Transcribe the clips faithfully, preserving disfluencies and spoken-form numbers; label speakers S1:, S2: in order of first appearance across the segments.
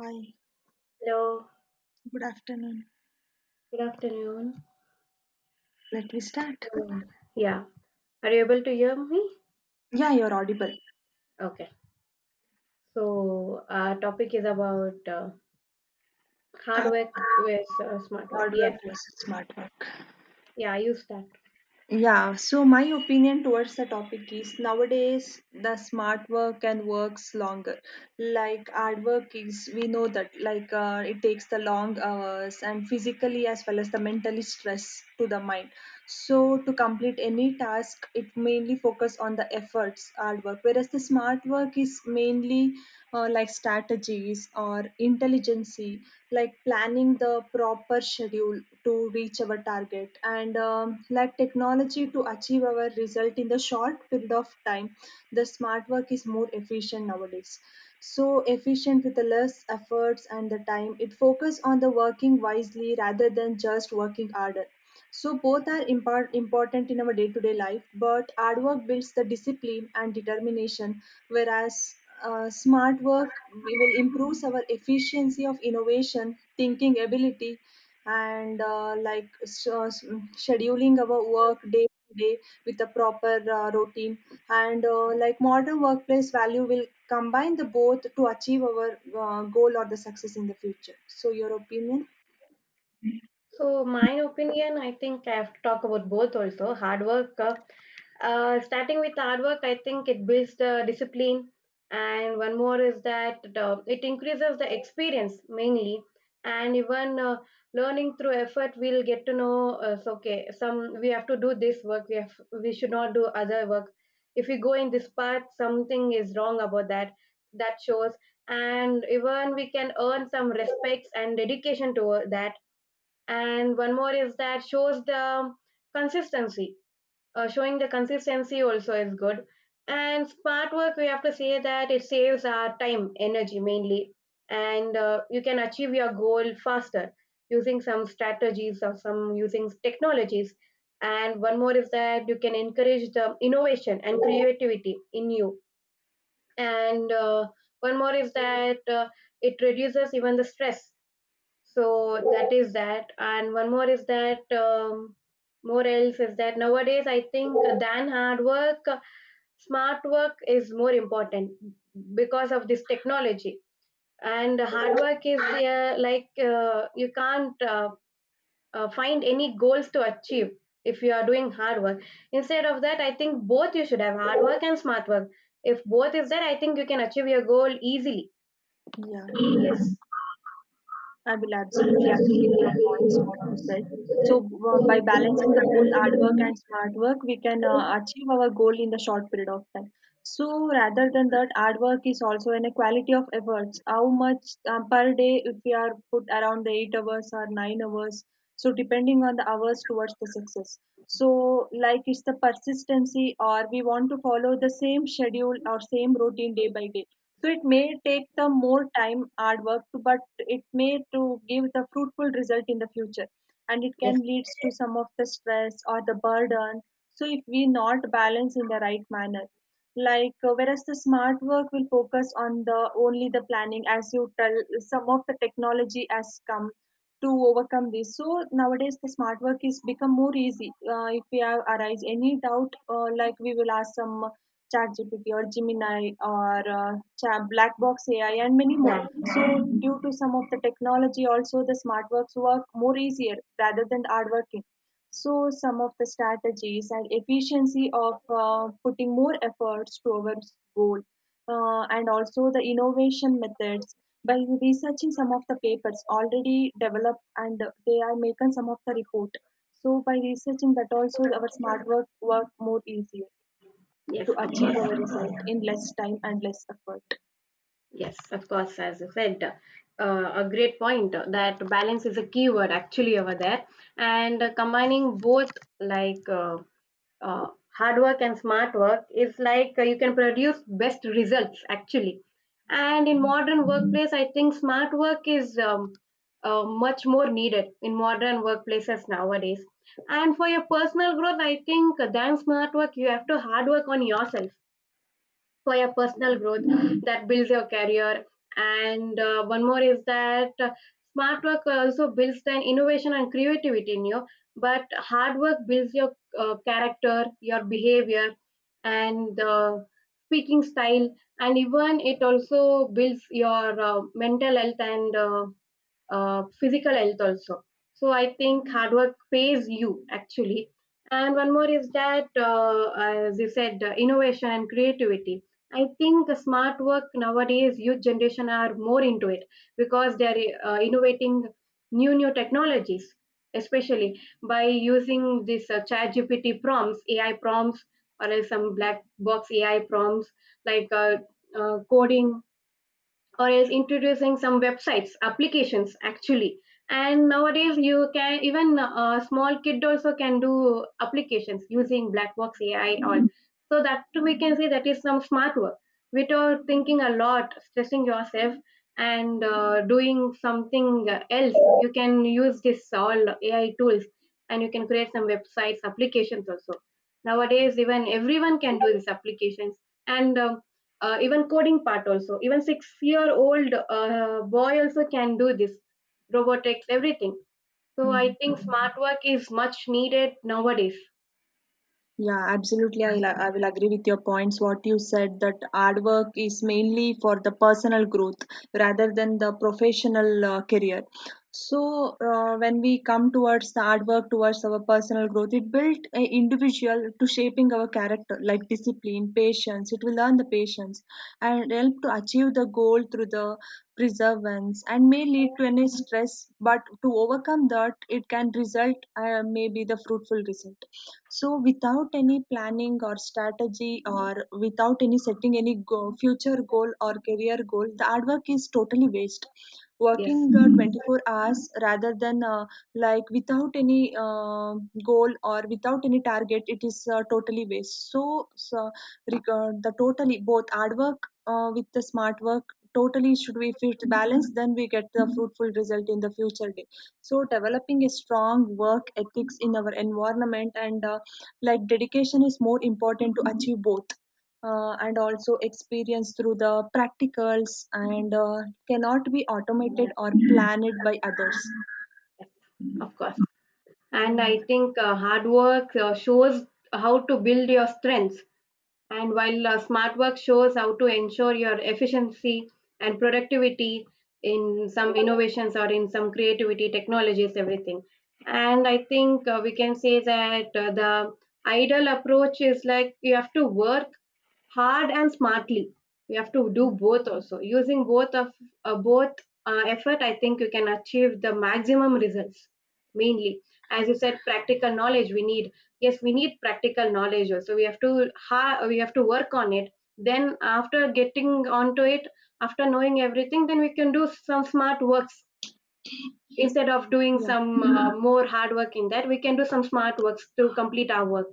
S1: Hi,
S2: Hello,
S1: good afternoon.
S2: good afternoon.
S1: Let me start.
S2: Um, Yeah, are you able to hear me?
S1: Yeah, you're audible.
S2: Okay. So, our topic is about uh, hard
S1: Uh,
S2: work with uh, smart work.
S1: Hard
S2: Yes.
S1: versus smart work.
S2: Yeah, you start.
S1: Yeah, so my opinion towards the topic is nowadays the smart work and works longer. Like hard work is, we know that like uh, it takes the long hours and physically as well as the mentally stress to the mind. So to complete any task, it mainly focus on the efforts, hard work. Whereas the smart work is mainly uh, like strategies or intelligence like planning the proper schedule to reach our target and um, like technology to achieve our result in the short period of time, the smart work is more efficient nowadays, so efficient with the less efforts and the time it focus on the working wisely rather than just working harder. So both are impor- important in our day-to-day life, but hard work builds the discipline and determination, whereas uh, smart work we will improve our efficiency of innovation, thinking ability, and uh, like s- uh, s- mm, scheduling our work day to day with a proper uh, routine. And uh, like modern workplace value will combine the both to achieve our uh, goal or the success in the future. So your opinion?
S2: So, my opinion, I think I have to talk about both also. Hard work, uh, uh, starting with hard work, I think it builds the discipline. And one more is that the, it increases the experience mainly. And even uh, learning through effort, we'll get to know, uh, so, okay, some we have to do this work, we, have, we should not do other work. If we go in this path, something is wrong about that. That shows. And even we can earn some respects and dedication to that, and one more is that shows the consistency. Uh, showing the consistency also is good. And smart work, we have to say that it saves our time, energy mainly. And uh, you can achieve your goal faster using some strategies or some using technologies. And one more is that you can encourage the innovation and creativity in you. And uh, one more is that uh, It reduces even the stress. So that is that. And one more is that, um, more else is that, nowadays I think than hard work, smart work is more important because of this technology. And hard work is uh, like, uh, you can't uh, uh, find any goals to achieve if you are doing hard work. Instead of that, I think both you should have, hard work and smart work. If both is there, I think you can achieve your goal easily.
S1: Yeah. I will absolutely agree with your points, what you said. So, uh, by balancing the both hard work and smart work, we can uh, achieve our goal in the short period of time. So, rather than that, hard work is also an equality of efforts. How much um, per day, if we are put around the eight hours or nine hours, so depending on the hours towards the success. So, like it's the persistency, or we want to follow the same schedule or same routine day by day, so it may take the more time, hard work, to, but it may to give the fruitful result in the future, and it can
S2: Yes.
S1: leads to some of the stress or the burden. So if we not balance in the right manner, like uh, whereas the smart work will focus on the only the planning, as you tell, some of the technology has come to overcome this. So nowadays the smart work is become more easy. Uh, if we have arise any doubt, uh, like we will ask some ChatGPT or Gemini or uh, Cha- Black Box A I and many more.
S2: Yeah,
S1: So due to some of the technology, also the smart works work more easier rather than hard working. So some of the strategies and efficiency of uh, putting more efforts towards goal uh, and also the innovation methods by researching some of the papers already developed, and they are making some of the report. So by researching that also our smart work work more easier to
S2: yes, of
S1: achieve
S2: course.
S1: our result in less time and less effort.
S2: Yes, of course, as I said, uh, a great point uh, that balance is a key word actually over there. And uh, combining both, like uh, uh, hard work and smart work is like uh, you can produce best results actually. And in modern workplace, I think smart work is um, uh, much more needed in modern workplaces nowadays. And for your personal growth, I think uh, than smart work, you have to hard work on yourself for your
S1: Yeah.
S2: personal growth. That builds your career. And uh, one more is that, uh, smart work also builds an innovation and creativity in you. But hard work builds your uh, character, your behavior, and uh, speaking style. And even it also builds your uh, mental health, and uh, uh, physical health also. So I think hard work pays you actually. And one more is that, uh, as you said, uh, innovation and creativity. I think the smart work nowadays, youth generation are more into it, because they are uh, innovating new new technologies, especially by using this uh, ChatGPT prompts, A I prompts, or else some black box A I prompts, like uh, uh, coding, or else introducing some websites, applications actually. And nowadays you can even a small kid also can do applications using black box AI and all. So that too we can say that is some smart work, without thinking a lot, stressing yourself, and uh, doing something else. You can use this all AI tools, and you can create some websites, applications also. Nowadays even everyone can do these applications. And um, uh, even coding part also, even six year old uh, boy also can do this, robotics, everything. So I
S1: Hmm.
S2: think smart work is much needed nowadays.
S1: Yeah, absolutely. I, li- I will agree with your points. What you said that hard work is mainly for the personal growth rather than the professional uh, career. So, uh, when we come towards the hard work towards our personal growth, it built an individual to shaping our character like discipline, patience. It will learn the patience and help to achieve the goal through the perseverance and may lead to any stress. But to overcome that, it can result uh, maybe the fruitful result. So without any planning or strategy or without any setting any go- future goal or career goal, the hard work is totally waste, working
S2: Yes,
S1: uh, Mhm. twenty-four hours rather than uh, like without any uh, goal or without any target, it is uh, totally waste. So, so regard the totally both hard work uh, with the smart work totally should we fit balance, then we get the fruitful result in the future day. So developing a strong work ethics in our environment and uh, like dedication is more important to achieve both, uh, and also experience through the practicals and uh, cannot be automated
S2: yes,
S1: or planned by others,
S2: yes, of course. And I
S1: and
S2: think uh, hard work uh, shows how to build your strengths. And while uh, smart work shows how to ensure your efficiency and productivity in some innovations, or in some creativity technologies, everything. And I think uh, we can say that uh, the ideal approach is like you have to work hard and smartly. We have to do both also. Using both of uh, both uh, effort, I think you can achieve the maximum results. Mainly, as you said, practical knowledge we need. Yes, we need practical knowledge also. We have to ha- we have to work on it. Then after getting onto it, after knowing everything, then we can do some smart works, instead of doing
S1: yeah.
S2: some uh, more hard work in that. We can do some smart works to complete our work.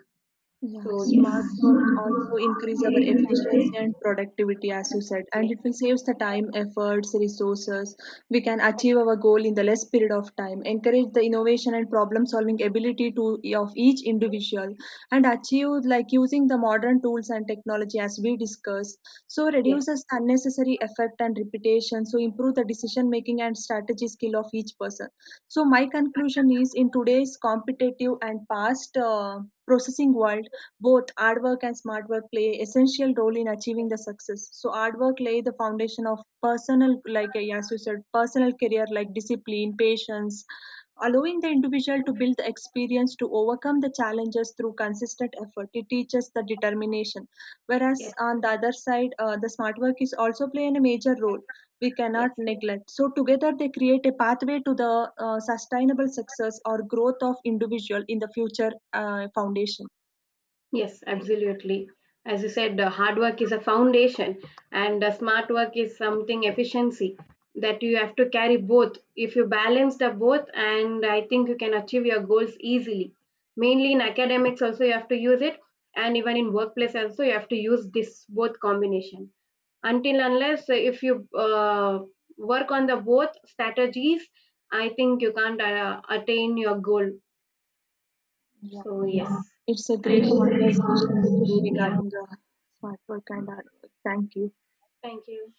S1: Yeah,
S2: So yes.
S1: smart work also increase our efficiency and productivity, as you said, and it will save the time, efforts, resources. We can achieve our goal in the less period of time, encourage the innovation and problem solving ability to of each individual, and achieve like using the modern tools and technology as we discussed. So
S2: Yes,
S1: reduces the unnecessary effect and repetition. So improve the decision making and strategy skill of each person. So my conclusion is in today's competitive and fast uh, processing world, both hard-work and smart work play essential role in achieving the success. So hard work lay the foundation of personal, like uh, as you said, personal career like discipline, patience, allowing the individual to build the experience to overcome the challenges through consistent effort. It teaches the determination. Whereas
S2: yes,
S1: on the other side, uh, the smart work is also playing a major role. We cannot
S2: yes,
S1: neglect. So together they create a pathway to the uh, sustainable success or growth of individual in the future uh, foundation.
S2: yes, absolutely. As you said, uh, hard work is a foundation, and uh, smart work is something efficiency, that you have to carry both. If you balance the both, and I think you can achieve your goals easily. Mainly in academics, also you have to use it, and even in workplace also you have to use this both combination. Until unless uh, If you uh, work on the both strategies, I think you can't uh, attain your goal.
S1: Yeah.
S2: So yes.
S1: It's a
S2: It and
S1: great
S2: is a,
S1: conversation with you
S2: yeah,
S1: regarding the smart work and hard work. Thank you.
S2: thank you.